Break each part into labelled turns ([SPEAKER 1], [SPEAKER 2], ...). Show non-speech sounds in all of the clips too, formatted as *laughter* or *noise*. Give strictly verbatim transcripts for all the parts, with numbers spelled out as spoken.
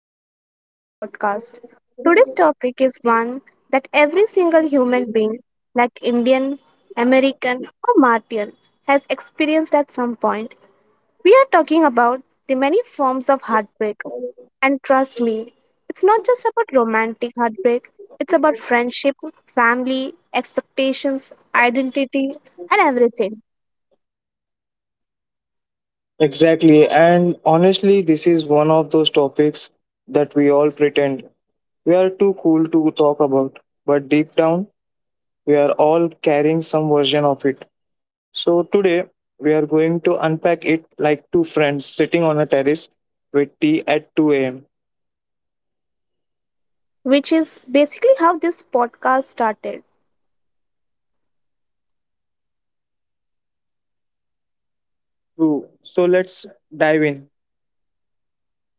[SPEAKER 1] episode of our podcast. Today's topic is one that every single human being, like Indian, American, or Martian, has experienced at some point. We are talking about the many forms of heartbreak. And trust me, it's not just about romantic heartbreak, it's about friendship, family, expectations, identity, and everything,
[SPEAKER 2] Exactly. And honestly, this is one of those topics that we all pretend we are too cool to talk about. But deep down, we are all carrying some version of it. So today, we are going to unpack it like two friends sitting on a terrace with tea at two a m.
[SPEAKER 1] which is basically how this podcast started.
[SPEAKER 2] True. So let's dive in.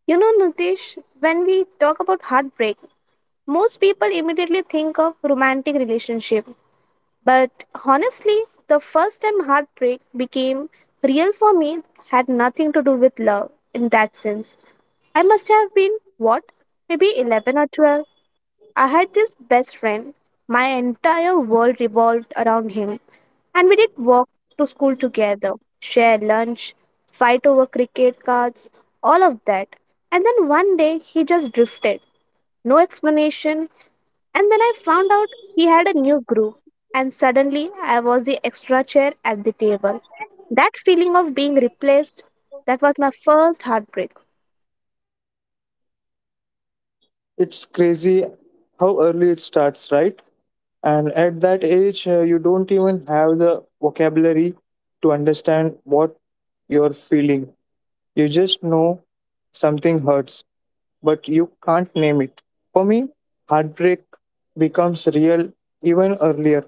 [SPEAKER 1] You know, Nitish, when we talk about heartbreak, most people immediately think of romantic relationship. But honestly, the first time heartbreak became real for me had nothing to do with love in that sense. I must have been what? Maybe eleven or twelve. I had this best friend. My entire world revolved around him, and we did walk to school together, share lunch, fight over cricket cards, all of that. And then one day he just drifted, no explanation. And then I found out he had a new group, and suddenly I was the extra chair at the table. That feeling of being replaced, that was my first heartbreak.
[SPEAKER 2] It's crazy how early it starts, right? And at that age uh, you don't even have the vocabulary to understand what you're feeling. You just know something hurts, but you can't name it. For me, heartbreak becomes real even earlier.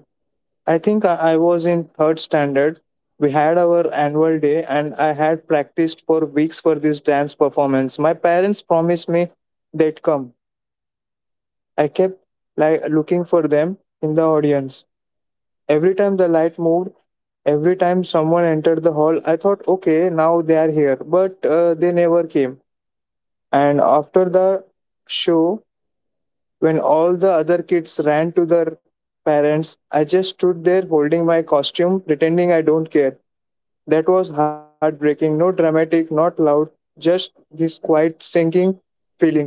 [SPEAKER 2] I think i I was in third standard. We had our annual day and I had practiced for weeks for this dance performance. My parents promised me they'd come. I kept like looking for them in the audience. Every time the light moved, every time someone entered the hall, I thought, okay, now they are here. But uh, they never came. And after the show, when all the other kids ran to their parents, I just stood there holding my costume, pretending I don't care. That was heartbreaking. No dramatic, not loud, just this quiet sinking feeling.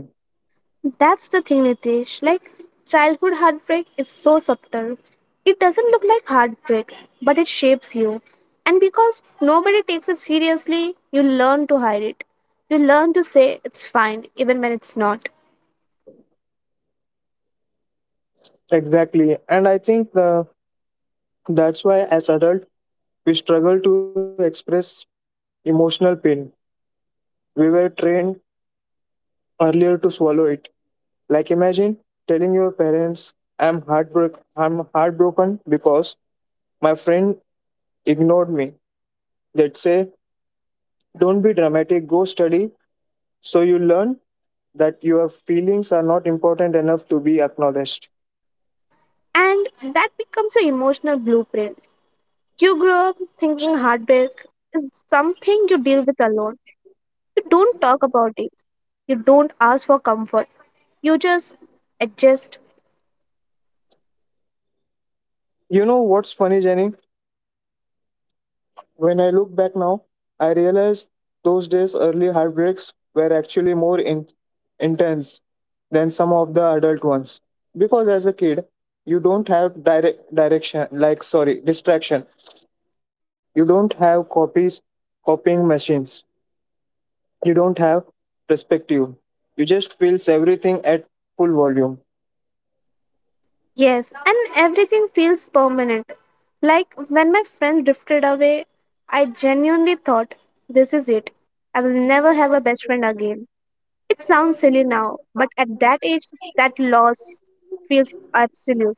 [SPEAKER 1] That's the thing, Nitish. Like, childhood heartbreak is so subtle. It doesn't look like heartbreak, but it shapes you. And because nobody takes it seriously, you learn to hide it. You learn to say it's fine, even when it's not.
[SPEAKER 2] Exactly. And I think uh, that's why, as adults, we struggle to express emotional pain. We were trained earlier to swallow it. Like imagine telling your parents, "I'm heartbroken. I'm heartbroken because my friend ignored me." They'd say, "Don't be dramatic. Go study, so you learn that your feelings are not important enough to be acknowledged."
[SPEAKER 1] And that becomes your emotional blueprint. You grow up thinking heartbreak is something you deal with alone. You don't talk about it, you don't ask for comfort, you just adjust.
[SPEAKER 2] You know what's funny, Jenny? When I look back now, I realize those days' early heartbreaks were actually more in- intense than some of the adult ones. Because as a kid, you don't have direct direction, like, sorry, distraction. You don't have copies, copying machines. You don't have perspective. You just feels everything at full volume.
[SPEAKER 1] Yes, and everything feels permanent. Like when my friend drifted away, I genuinely thought, this is it. I will never have a best friend again. It sounds silly now, but at that age, that loss feels absolute.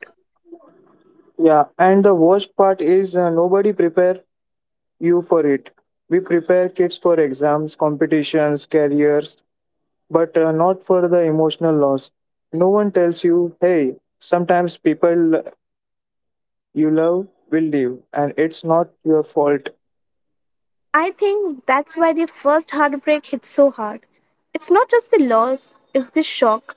[SPEAKER 2] Yeah, and the worst part is uh, nobody prepare you for it. We prepare kids for exams, competitions, careers, but uh, not for the emotional loss. No one tells you, hey, sometimes people you love will leave and it's not your fault.
[SPEAKER 1] I think that's why the first heartbreak hits so hard. It's not just the loss, it's the shock,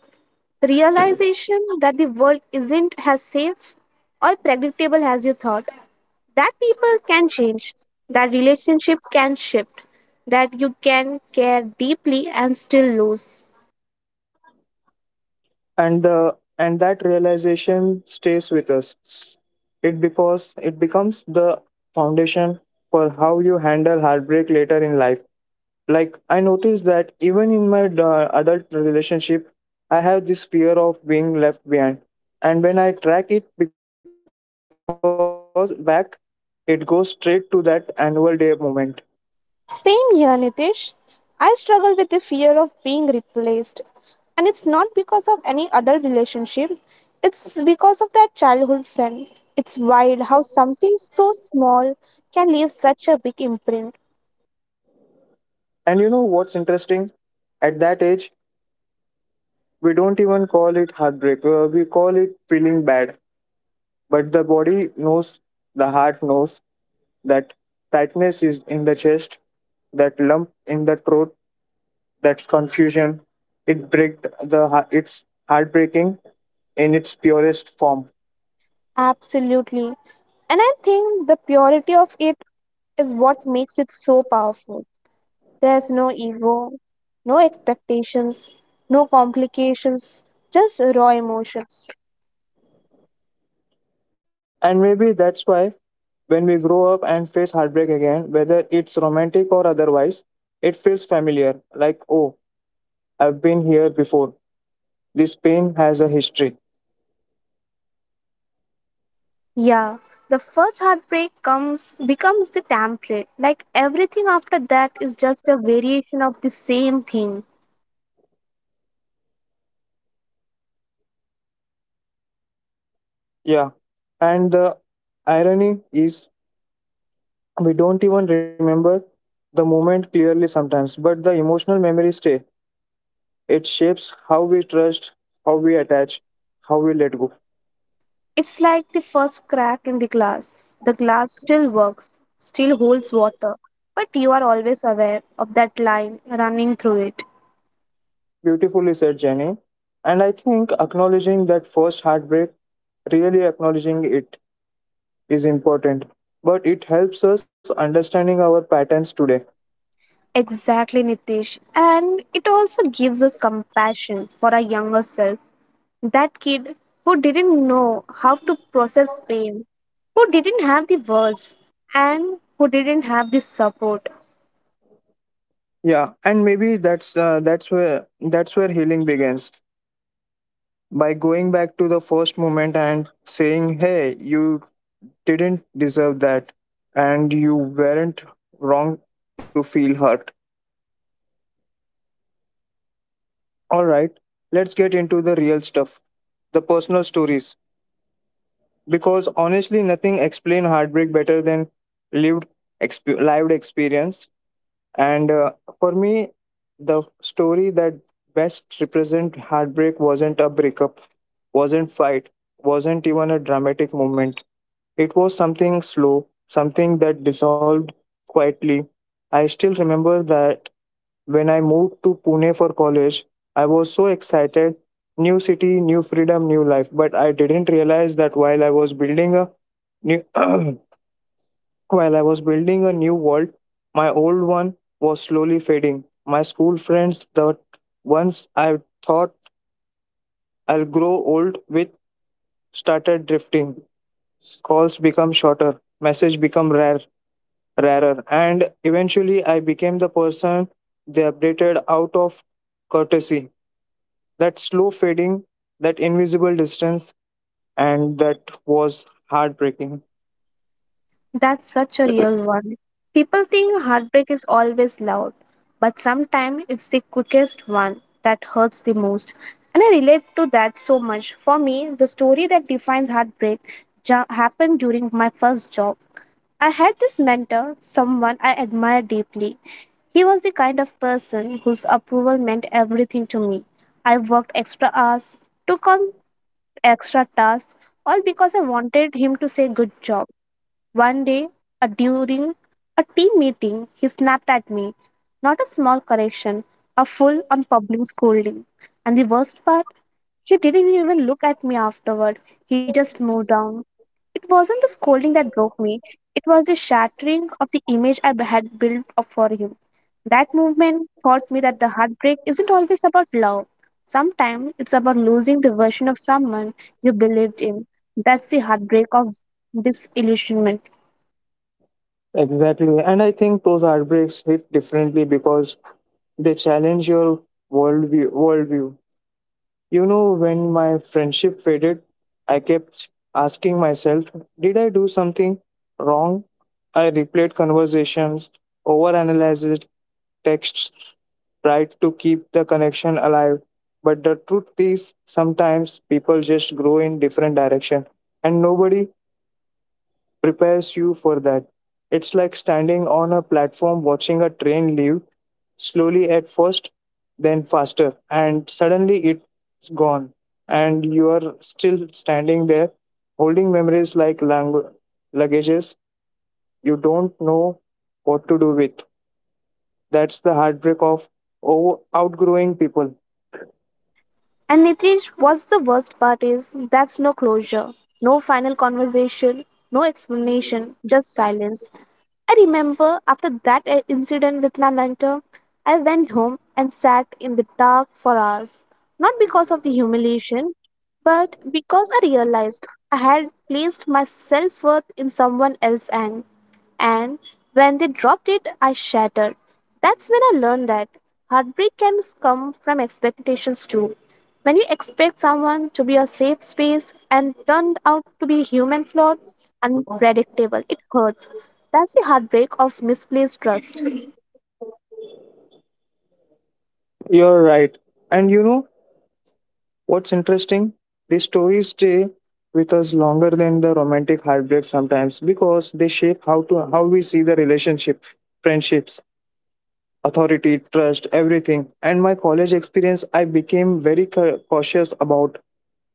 [SPEAKER 1] the realization that the world isn't as safe or predictable as you thought. That people can change, that relationship can shift, that you can care deeply and still lose.
[SPEAKER 2] And the and that realization stays with us. It because it becomes the foundation for how you handle heartbreak later in life. Like I noticed that even in my uh, adult relationship I have this fear of being left behind, and when I track it because back it goes straight to that annual day moment.
[SPEAKER 1] Same here, Nitish. I struggle with the fear of being replaced. And it's not because of any adult relationship, it's because of that childhood friend. It's wild how something so small can leave such a big imprint.
[SPEAKER 2] And you know what's interesting, at that age we don't even call it heartbreak. Uh, we call it feeling bad, but the body knows, the heart knows. That tightness is in the chest, that lump in the throat, that confusion, it break. The heart- it's heartbreaking in its purest form.
[SPEAKER 1] Absolutely. And I think the purity of it is what makes it so powerful. There's no ego, no expectations, no complications, just raw emotions.
[SPEAKER 2] And maybe that's why when we grow up and face heartbreak again, whether it's romantic or otherwise, it feels familiar. Like, oh, I've been here before. This pain has a history.
[SPEAKER 1] Yeah, the first heartbreak comes becomes the template. Like everything after that is just a variation of the same thing.
[SPEAKER 2] Yeah. And the irony is, we don't even remember the moment clearly sometimes, but the emotional memory stay. It shapes how we trust, how we attach, how we let go.
[SPEAKER 1] It's like the first crack in the glass. The glass still works, still holds water, but you are always aware of that line running through it.
[SPEAKER 2] Beautifully said, Jenny. And I think acknowledging that first heartbreak, really acknowledging it, is important, but it helps us understanding our patterns today.
[SPEAKER 1] Exactly, Nitish. And it also gives us compassion for our younger self. That kid who didn't know how to process pain, who didn't have the words, and who didn't have the support.
[SPEAKER 2] Yeah, and maybe that's uh, that's where that's where healing begins, by going back to the first moment and saying, "Hey, you didn't deserve that, and you weren't wrong to feel hurt." All right, let's get into the real stuff, the personal stories, because honestly, nothing explain heartbreak better than lived exp- lived experience. And uh, for me, the story that best represent heartbreak wasn't a breakup, wasn't fight, wasn't even a dramatic moment. It was something slow, something that dissolved quietly. I still remember that when I moved to Pune for college, I was so excited. New city, new freedom, new life. But I didn't realize that while I was building a new *clears throat* while I was building a new world, my old one was slowly fading. My school friends, the ones I thought I'll grow old with, started drifting. Calls become shorter, message become rare, rarer, and eventually I became the person they updated out of courtesy. That slow fading, that invisible distance, and that was heartbreaking.
[SPEAKER 1] That's such a real one. People think heartbreak is always loud, but sometimes it's the quickest one that hurts the most. And I relate to that so much. For me, the story that defines heartbreak ja- happened during my first job. I had this mentor, someone I admired deeply. He was the kind of person whose approval meant everything to me. I worked extra hours, took on extra tasks, all because I wanted him to say good job. One day, uh, during a team meeting, he snapped at me. Not a small correction, a full on public scolding. And the worst part, she didn't even look at me afterward. He just moved on. It wasn't the scolding that broke me, it was the shattering of the image I had built up for him. That movement taught me that the heartbreak isn't always about love. Sometimes it's about losing the version of someone you believed in. That's the heartbreak of disillusionment.
[SPEAKER 2] Exactly, and I think those heartbreaks hit differently because they challenge your worldview. worldview. You know, when my friendship faded, I kept asking myself, did I do something wrong? I replayed conversations, overanalyzed texts, tried to keep the connection alive. But the truth is, sometimes people just grow in different direction, and nobody prepares you for that. It's like standing on a platform watching a train leave slowly at first, then faster, and suddenly it's gone. And you are still standing there holding memories like langu- luggages you don't know what to do with. That's the heartbreak of over- outgrowing people.
[SPEAKER 1] And Nitish, what's the worst part is that's no closure, no final conversation, no explanation, just silence. I remember after that uh, incident with my mentor, I went home and sat in the dark for hours, not because of the humiliation, but because I realized I had placed my self worth in someone else's hand and when they dropped it, I shattered. That's when I learned that heartbreak can come from expectations too. When you expect someone to be a safe space and turned out to be human flawed, unpredictable, it hurts. That's the heartbreak of misplaced trust.
[SPEAKER 2] You're right. And you know, what's interesting, these stories stay with us longer than the romantic heartbreak sometimes because they shape how to how we see the relationship, friendships, authority, trust, everything. And my college experience, I became very cau- cautious about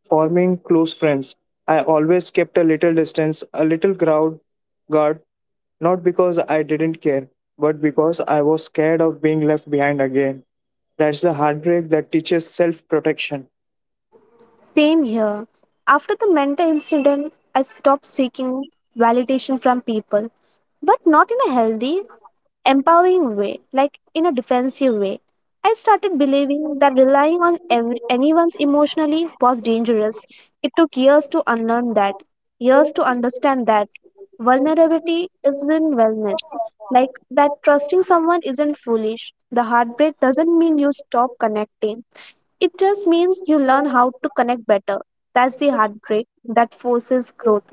[SPEAKER 2] forming close friends. I always kept a little distance, a little crowd guard, not because I didn't care, but because I was scared of being left behind again. That's the heartbreak that teaches self protection.
[SPEAKER 1] Same here. After the Manta incident, I stopped seeking validation from people, but not in a healthy, empowering way, like in a defensive way. I started believing that relying on every, anyone's emotionally was dangerous. It took years to unlearn that, years to understand that vulnerability isn't wellness. Like that trusting someone isn't foolish. The heartbreak doesn't mean you stop connecting. It just means you learn how to connect better. That's the heartbreak that forces growth.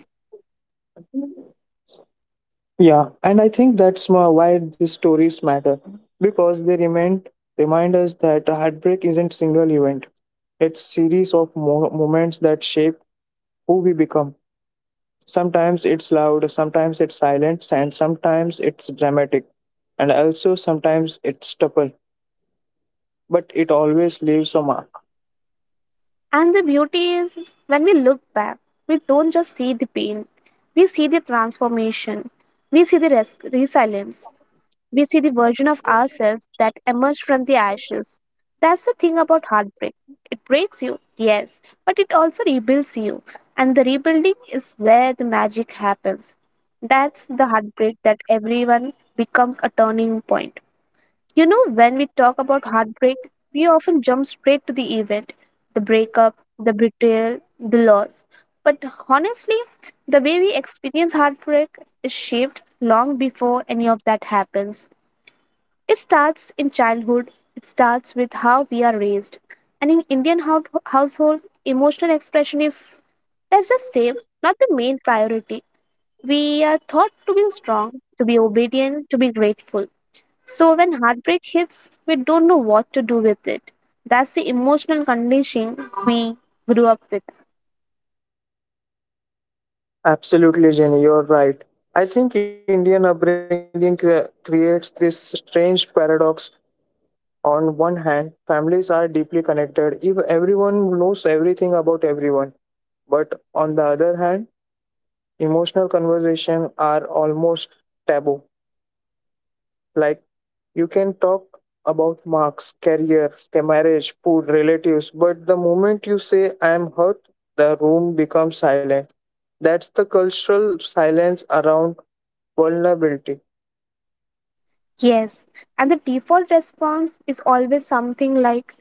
[SPEAKER 2] Yeah, and I think that's ma- why these stories matter, because they remind remind us that heartbreak isn't single event. It's series of mo- moments that shape who we become. Sometimes it's loud, sometimes it's silent, and sometimes it's dramatic, and also sometimes it's stubborn. But it always leaves a mark.
[SPEAKER 1] And the beauty is when we look back, we don't just see the pain, we see the transformation, we see the res- resilience, we see the version of ourselves that emerged from the ashes. That's the thing about heartbreak. It breaks you, yes, but it also rebuilds you. And the rebuilding is where the magic happens. That's the heartbreak that everyone becomes a turning point. You know, when we talk about heartbreak, we often jump straight to the event, the breakup, the betrayal, the loss. But honestly, the way we experience heartbreak is shaped long before any of that happens. It starts in childhood, it starts with how we are raised. And in Indian hou- household, emotional expression is, let's just say, not the main priority. We are taught to be strong, to be obedient, to be grateful. So when heartbreak hits, we don't know what to do with it. That's the emotional condition we grew up with.
[SPEAKER 2] Absolutely, Jenny, you're right. I think Indian upbringing cre- creates this strange paradox. On one hand, families are deeply connected if everyone knows everything about everyone. But on the other hand, emotional conversations are almost taboo. Like you can talk about marks, career, ca- marriage, food, relatives, but the moment you say I am hurt, the room becomes silent. That's the cultural silence around vulnerability.
[SPEAKER 1] Yes, and the default response is always something like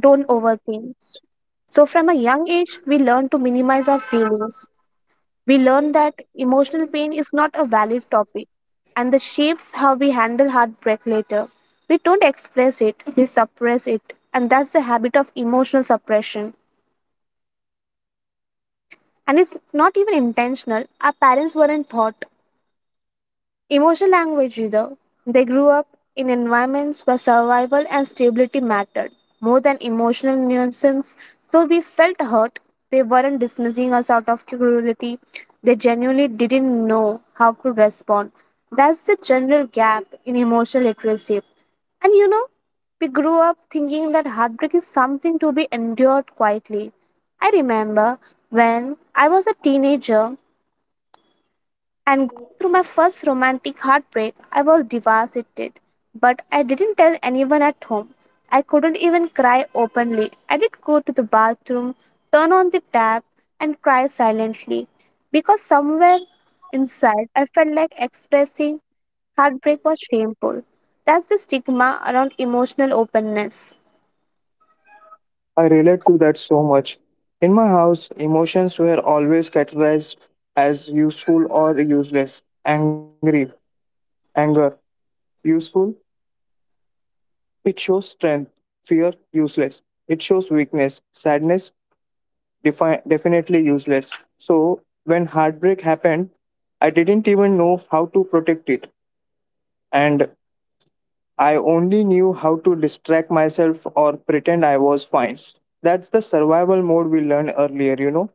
[SPEAKER 1] don't overthink. So from a young age, we learn to minimize our feelings. We learn that emotional pain is not a valid topic and that shapes how we handle heartbreak later. We don't express it, we suppress it, and that's the habit of emotional suppression. And it's not even intentional. Our parents weren't taught. Emotional language either. They grew up in environments where survival and stability mattered more than emotional nuisance, so we felt hurt. They weren't dismissing us out of cruelty, they genuinely didn't know how to respond. That's the general gap in emotional literacy. And you know, we grew up thinking that heartbreak is something to be endured quietly. I remember when I was a teenager, and going through my first romantic heartbreak, I was devastated. But I didn't tell anyone at home. I couldn't even cry openly. I did go to the bathroom, turn on the tap, and cry silently because somewhere inside I felt like expressing heartbreak was shameful. That's the stigma around emotional openness.
[SPEAKER 2] I relate to that so much. In my house, emotions were always categorized as useful or useless. Angry, anger, useful, it shows strength. Fear, useless, it shows weakness. Sadness, defi- definitely useless. So, when heartbreak happened, I didn't even know how to protect it. And I only knew how to distract myself or pretend I was fine. That's the survival mode we learned earlier, you know.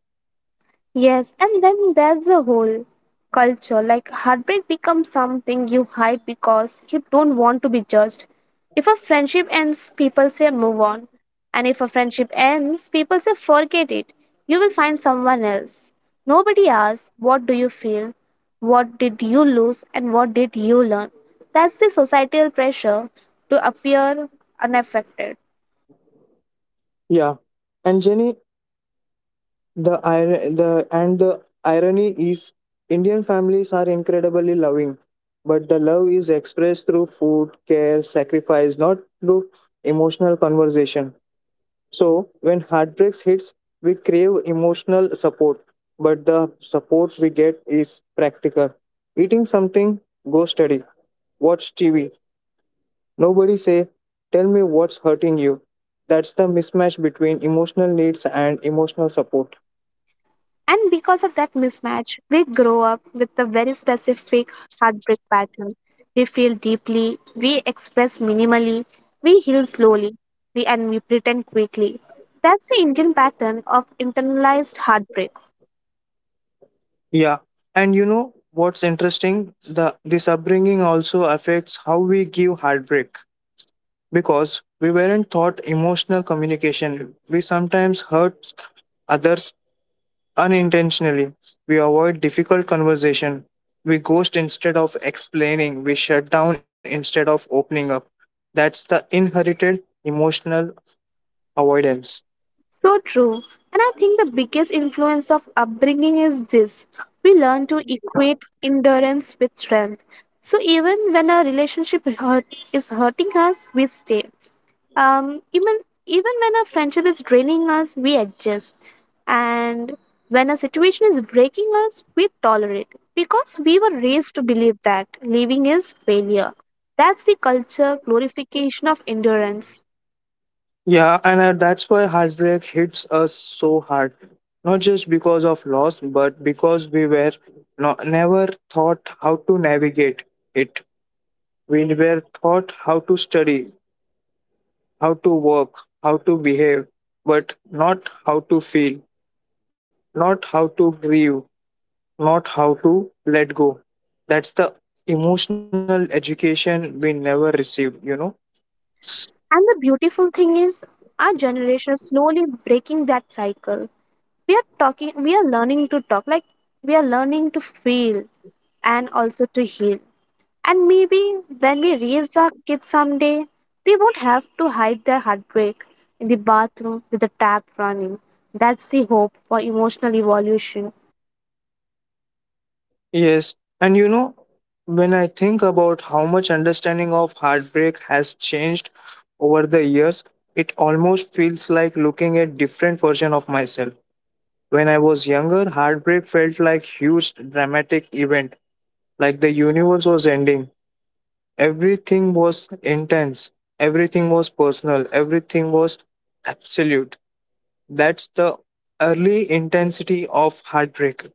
[SPEAKER 1] Yes, and then there's the whole culture. Like, heartbreak becomes something you hide because you don't want to be judged. If a friendship ends, people say move on. And if a friendship ends, people say forget it. You will find someone else. Nobody asks, what do you feel? What did you lose? And what did you learn? That's the societal pressure to appear unaffected.
[SPEAKER 2] Yeah. And Jenny, the ir- the and the irony is Indian families are incredibly loving, but the love is expressed through food, care, sacrifice, not through emotional conversation. So when heartbreaks hits, we crave emotional support, but the support we get is practical. Eating something, go study, watch T V. Nobody say, tell me what's hurting you. That's the mismatch between emotional needs and emotional support.
[SPEAKER 1] And because of that mismatch, we grow up with a very specific heartbreak pattern. We feel deeply, we express minimally, we heal slowly, we and we pretend quickly. That's the Indian pattern of internalized heartbreak.
[SPEAKER 2] Yeah. And you know what's interesting? The This upbringing also affects how we give heartbreak because we weren't taught emotional communication. We sometimes hurt others unintentionally. We avoid difficult conversation. We ghost instead of explaining. We shut down instead of opening up. That's the inherited emotional avoidance.
[SPEAKER 1] So true. And I think the biggest influence of upbringing is this: we learn to equate endurance with strength. So even when a relationship hurt, is hurting us, we stay. Um, even even when a friendship is draining us, we adjust. And when a situation is breaking us, we tolerate because we were raised to believe that leaving is failure. That's the culture glorification of endurance.
[SPEAKER 2] Yeah, and uh, that's why heartbreak hits us so hard. Not just because of loss, but because we were no, never taught how to navigate it. We were taught how to study, how to work, how to behave, but not how to feel, not how to grieve, not how to let go. That's the emotional education we never received, you know?
[SPEAKER 1] And the beautiful thing is, our generation is slowly breaking that cycle. We are talking, we are learning to talk, like we are learning to feel and also to heal. And maybe when we raise our kids someday, they won't have to hide their heartbreak in the bathroom with the tap running. That's the hope for emotional evolution.
[SPEAKER 2] Yes, and you know, when I think about how much understanding of heartbreak has changed over the years, it almost feels like looking at different version of myself. When I was younger, heartbreak felt like huge dramatic event, like the universe was ending. Everything was intense, everything was personal, everything was absolute. That's the early intensity of heartbreak.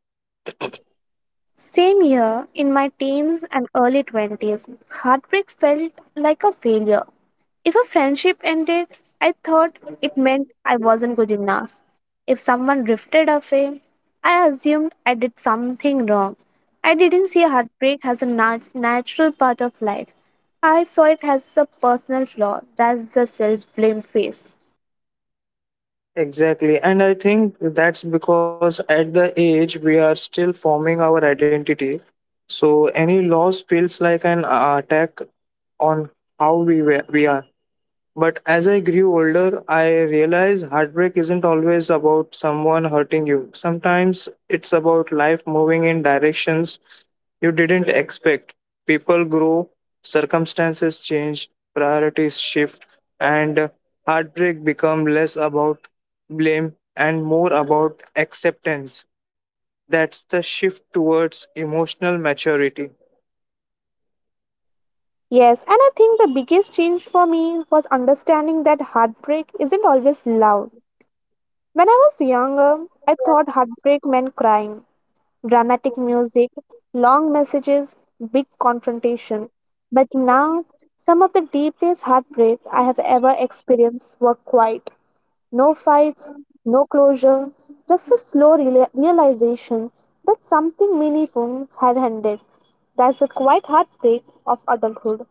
[SPEAKER 1] Same year, in my teens and early twenties, heartbreak felt like a failure. If a friendship ended, I thought it meant I wasn't good enough. If someone drifted away, I assumed I did something wrong. I didn't see heartbreak as a nat- natural part of life. I saw it as a personal flaw. That's the self blame phase.
[SPEAKER 2] Exactly. And I think that's because at the age we are still forming our identity. So any loss feels like an uh, attack on how we were, we are. But as I grew older, I realized heartbreak isn't always about someone hurting you. Sometimes it's about life moving in directions you didn't expect. People grow, circumstances change, priorities shift, and heartbreak become less about blame and more about acceptance. That's the shift towards emotional maturity.
[SPEAKER 1] Yes, and I think the biggest change for me was understanding that heartbreak isn't always love. When I was younger, I thought heartbreak meant crying, dramatic music, long messages, big confrontation. But now, some of the deepest heartbreak I have ever experienced were quiet. No fights, no closure, just a slow reala- realization that something meaningful had ended. That's the quiet heartbreak of adulthood.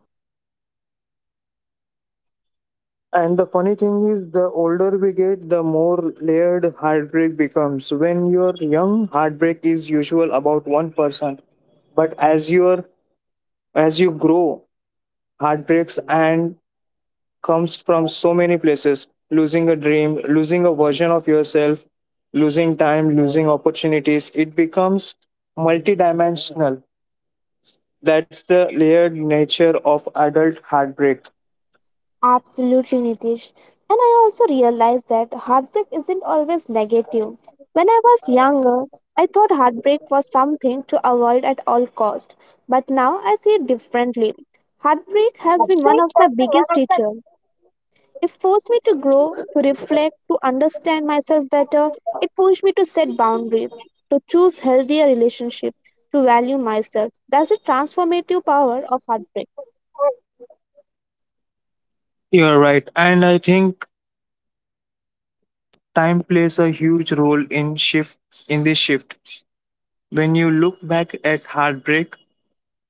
[SPEAKER 2] And the funny thing is, the older we get, the more layered heartbreak becomes. When you're young, heartbreak is usual about one person, but as you're as you grow, heartbreaks and comes from so many places: losing a dream, losing a version of yourself, losing time, losing opportunities. It becomes multidimensional. That's the layered nature of adult heartbreak.
[SPEAKER 1] Absolutely, Nitish. And I also realized that heartbreak isn't always negative. When I was younger, I thought heartbreak was something to avoid at all cost, but now I see it differently. Heartbreak has been one of my biggest teachers. It forced me to grow, to reflect, to understand myself better. It pushed me to set boundaries, to choose healthier relationships, to value myself. That's the transformative power of heartbreak.
[SPEAKER 2] You're right, and I think time plays a huge role in shift in this shift. When you look back at heartbreak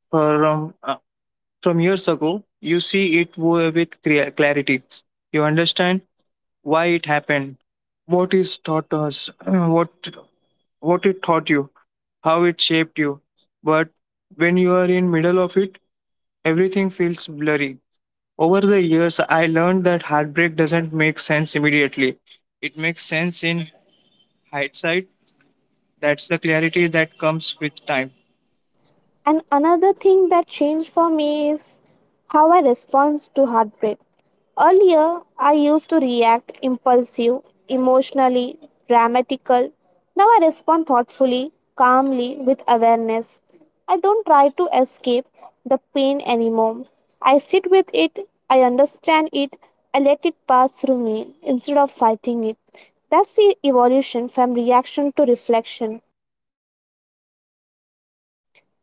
[SPEAKER 2] from uh, from years ago, you see it wo- with crea- clarity. You understand why it happened, what is taught us, uh, what what it taught you, how it shaped you. But when you are in middle of it, everything feels blurry. Over the years, I learned that heartbreak doesn't make sense immediately. It makes sense in.
[SPEAKER 1] And another thing that changed for me is how I respond to heartbreak. Earlier, I used to react impulsive, emotionally, dramatical. Now I respond thoughtfully, calmly, with awareness. I don't try to escape the pain anymore. I sit with it, I understand it, I let it pass through me instead of fighting it. That's the evolution from reaction to reflection.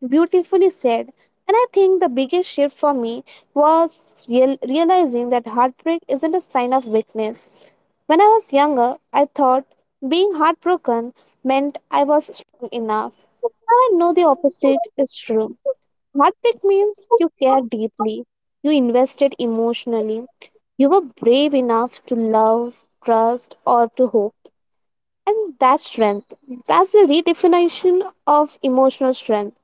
[SPEAKER 1] Beautifully said. And I think the biggest shift for me was real- realizing that heartbreak isn't a sign of weakness. When I was younger, I thought being heartbroken meant I was strong enough. Now I know the opposite is true. Heartbreak means you care deeply, you invested emotionally, you were brave enough to love, trust, or to hope. And that's strength. That's the redefinition of emotional strength.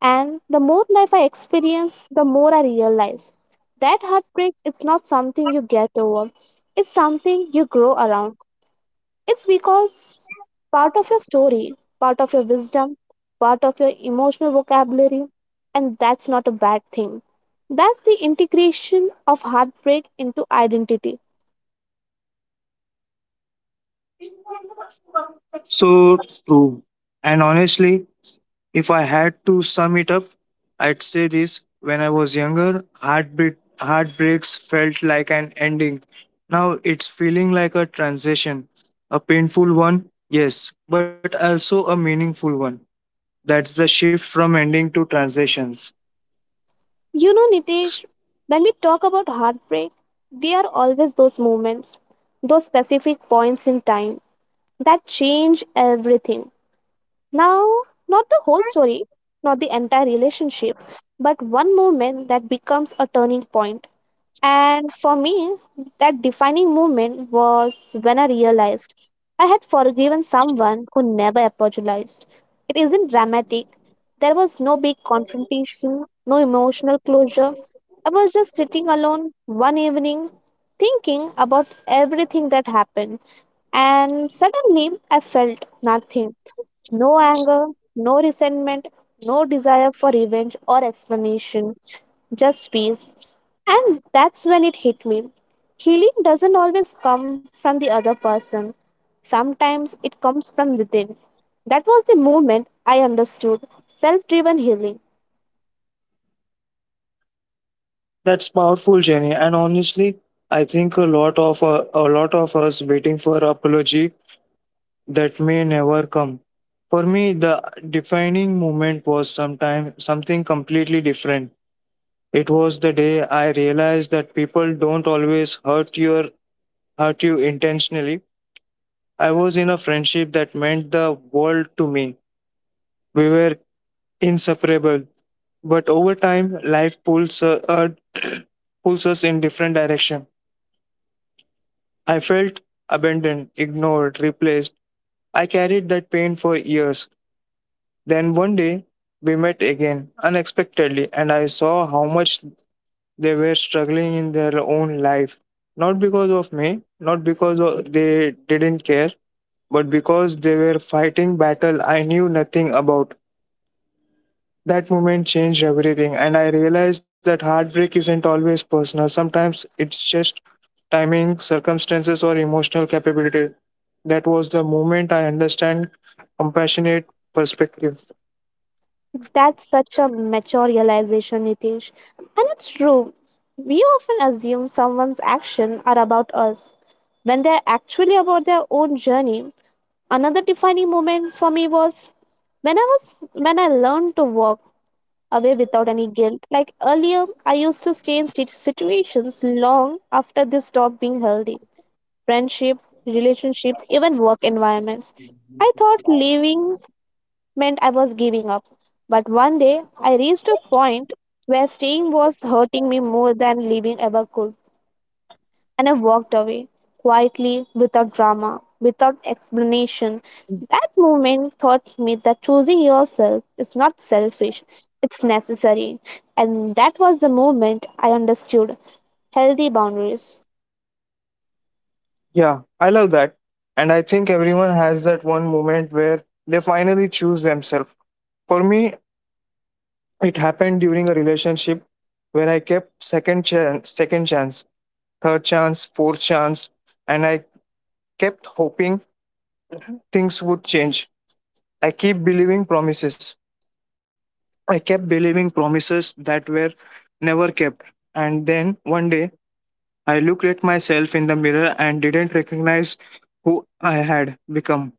[SPEAKER 1] And the more life I experience, the more I realize that heartbreak is not something you get over, it's something you grow around. It's because part of your story, part of your wisdom, part of your emotional vocabulary, and that's not a bad thing. That's the integration of heartbreak into identity.
[SPEAKER 2] So true. And honestly, if I had to sum it up, I'd say this: when I was younger, heartbeat heartbreaks felt like an ending. Now it's feeling like a transition. A painful one, yes, but also a meaningful one. That's the shift from ending to transitions.
[SPEAKER 1] You know, Nitesh, when we talk about heartbreak, there are always those moments, those specific points in time that change everything. Now, not the whole story, not the entire relationship, but one moment that becomes a turning point. And for me, that defining moment was when I realized I had forgiven someone who never apologized. It isn't dramatic. There was no big confrontation, no emotional closure. I was just sitting alone one evening, thinking about everything that happened. And suddenly, I felt nothing, no anger, no resentment, no desire for revenge or explanation, just peace. And that's when it hit me. Healing doesn't always come from the other person, sometimes it comes from within. That was the moment I understood self driven healing.
[SPEAKER 2] That's powerful, Jenny. And honestly, I think a lot of uh, a lot of us waiting for apology that may never come. For me, the defining moment was sometime something completely different. It was the day I realized that people don't always hurt your hurt you intentionally. I was in a friendship that meant the world to me. We were inseparable, but over time, life pulls uh, uh, *clears throat* pulls us in different direction. I felt abandoned, ignored, replaced. I carried that pain for years. Then one day we met again unexpectedly, and I saw how much they were struggling in their own life. Not because of me, not because of- they didn't care, but because they were fighting battle I knew nothing about. That moment changed everything, and I realized that heartbreak isn't always personal. Sometimes it's just timing, circumstances, or emotional capability. That was the moment I understand compassionate perspective.
[SPEAKER 1] That's such a mature realization, Nitish. And it's true. We often assume someone's actions are about us when they're actually about their own journey. Another defining moment for me was when I was when I learned to walk away without any guilt. Like earlier, I used to stay in sit- situations long after they stopped being healthy. Friendship, relationship, even work environments. I thought leaving meant I was giving up. But one day, I reached a point where staying was hurting me more than leaving ever could. And I walked away, quietly, without drama, without explanation. That moment taught me that choosing yourself is not selfish, it's necessary. And that was the moment I understood healthy boundaries.
[SPEAKER 2] Yeah, I love that. And I think everyone has that one moment where they finally choose themselves. For me, it happened during a relationship where I kept second chance, second chance, third chance, fourth chance, and I kept hoping things would change. I keep believing promises. I kept believing promises that were never kept. And then one day, I looked at myself in the mirror and didn't recognize who I had become.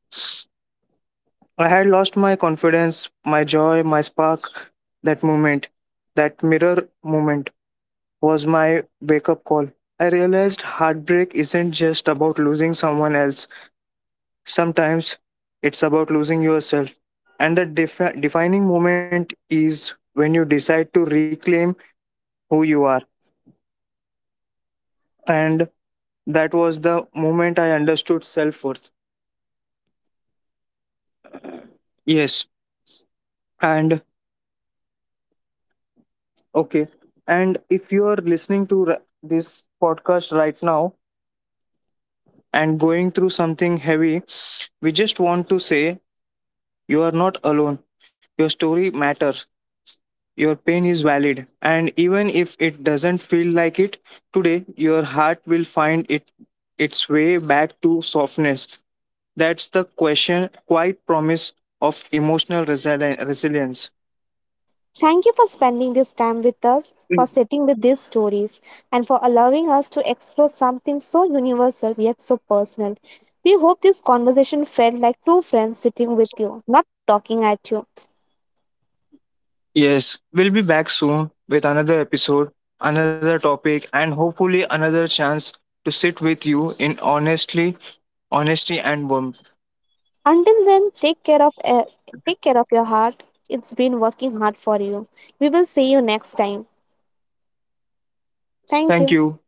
[SPEAKER 2] I had lost my confidence, my joy, my spark. That moment, that mirror moment, was my wake up call. I realized heartbreak isn't just about losing someone else, sometimes it's about losing yourself. And the defi- defining moment is when you decide to reclaim who you are. And that was the moment I understood self worth. And okay. And if you are listening to r- this podcast right now, and going through something heavy, we just want to say you are not alone. Your story matters. Your pain is valid. And even if it doesn't feel like it, today your heart will find it its way back to softness. That's the question, quiet promise of emotional resili- resilience.
[SPEAKER 1] Thank you for spending this time with us, for sitting with these stories, and for allowing us to explore something so universal yet so personal. We hope this conversation felt like two friends sitting with you, not talking at you.
[SPEAKER 2] Yes, we'll be back soon with another episode, another topic, and hopefully another chance to sit with you in honestly, honesty and warmth.
[SPEAKER 1] Until then, take care of uh, take care of your heart. It's been working hard for you. We will see you next time. Thank
[SPEAKER 2] Thank
[SPEAKER 1] you.
[SPEAKER 2] you.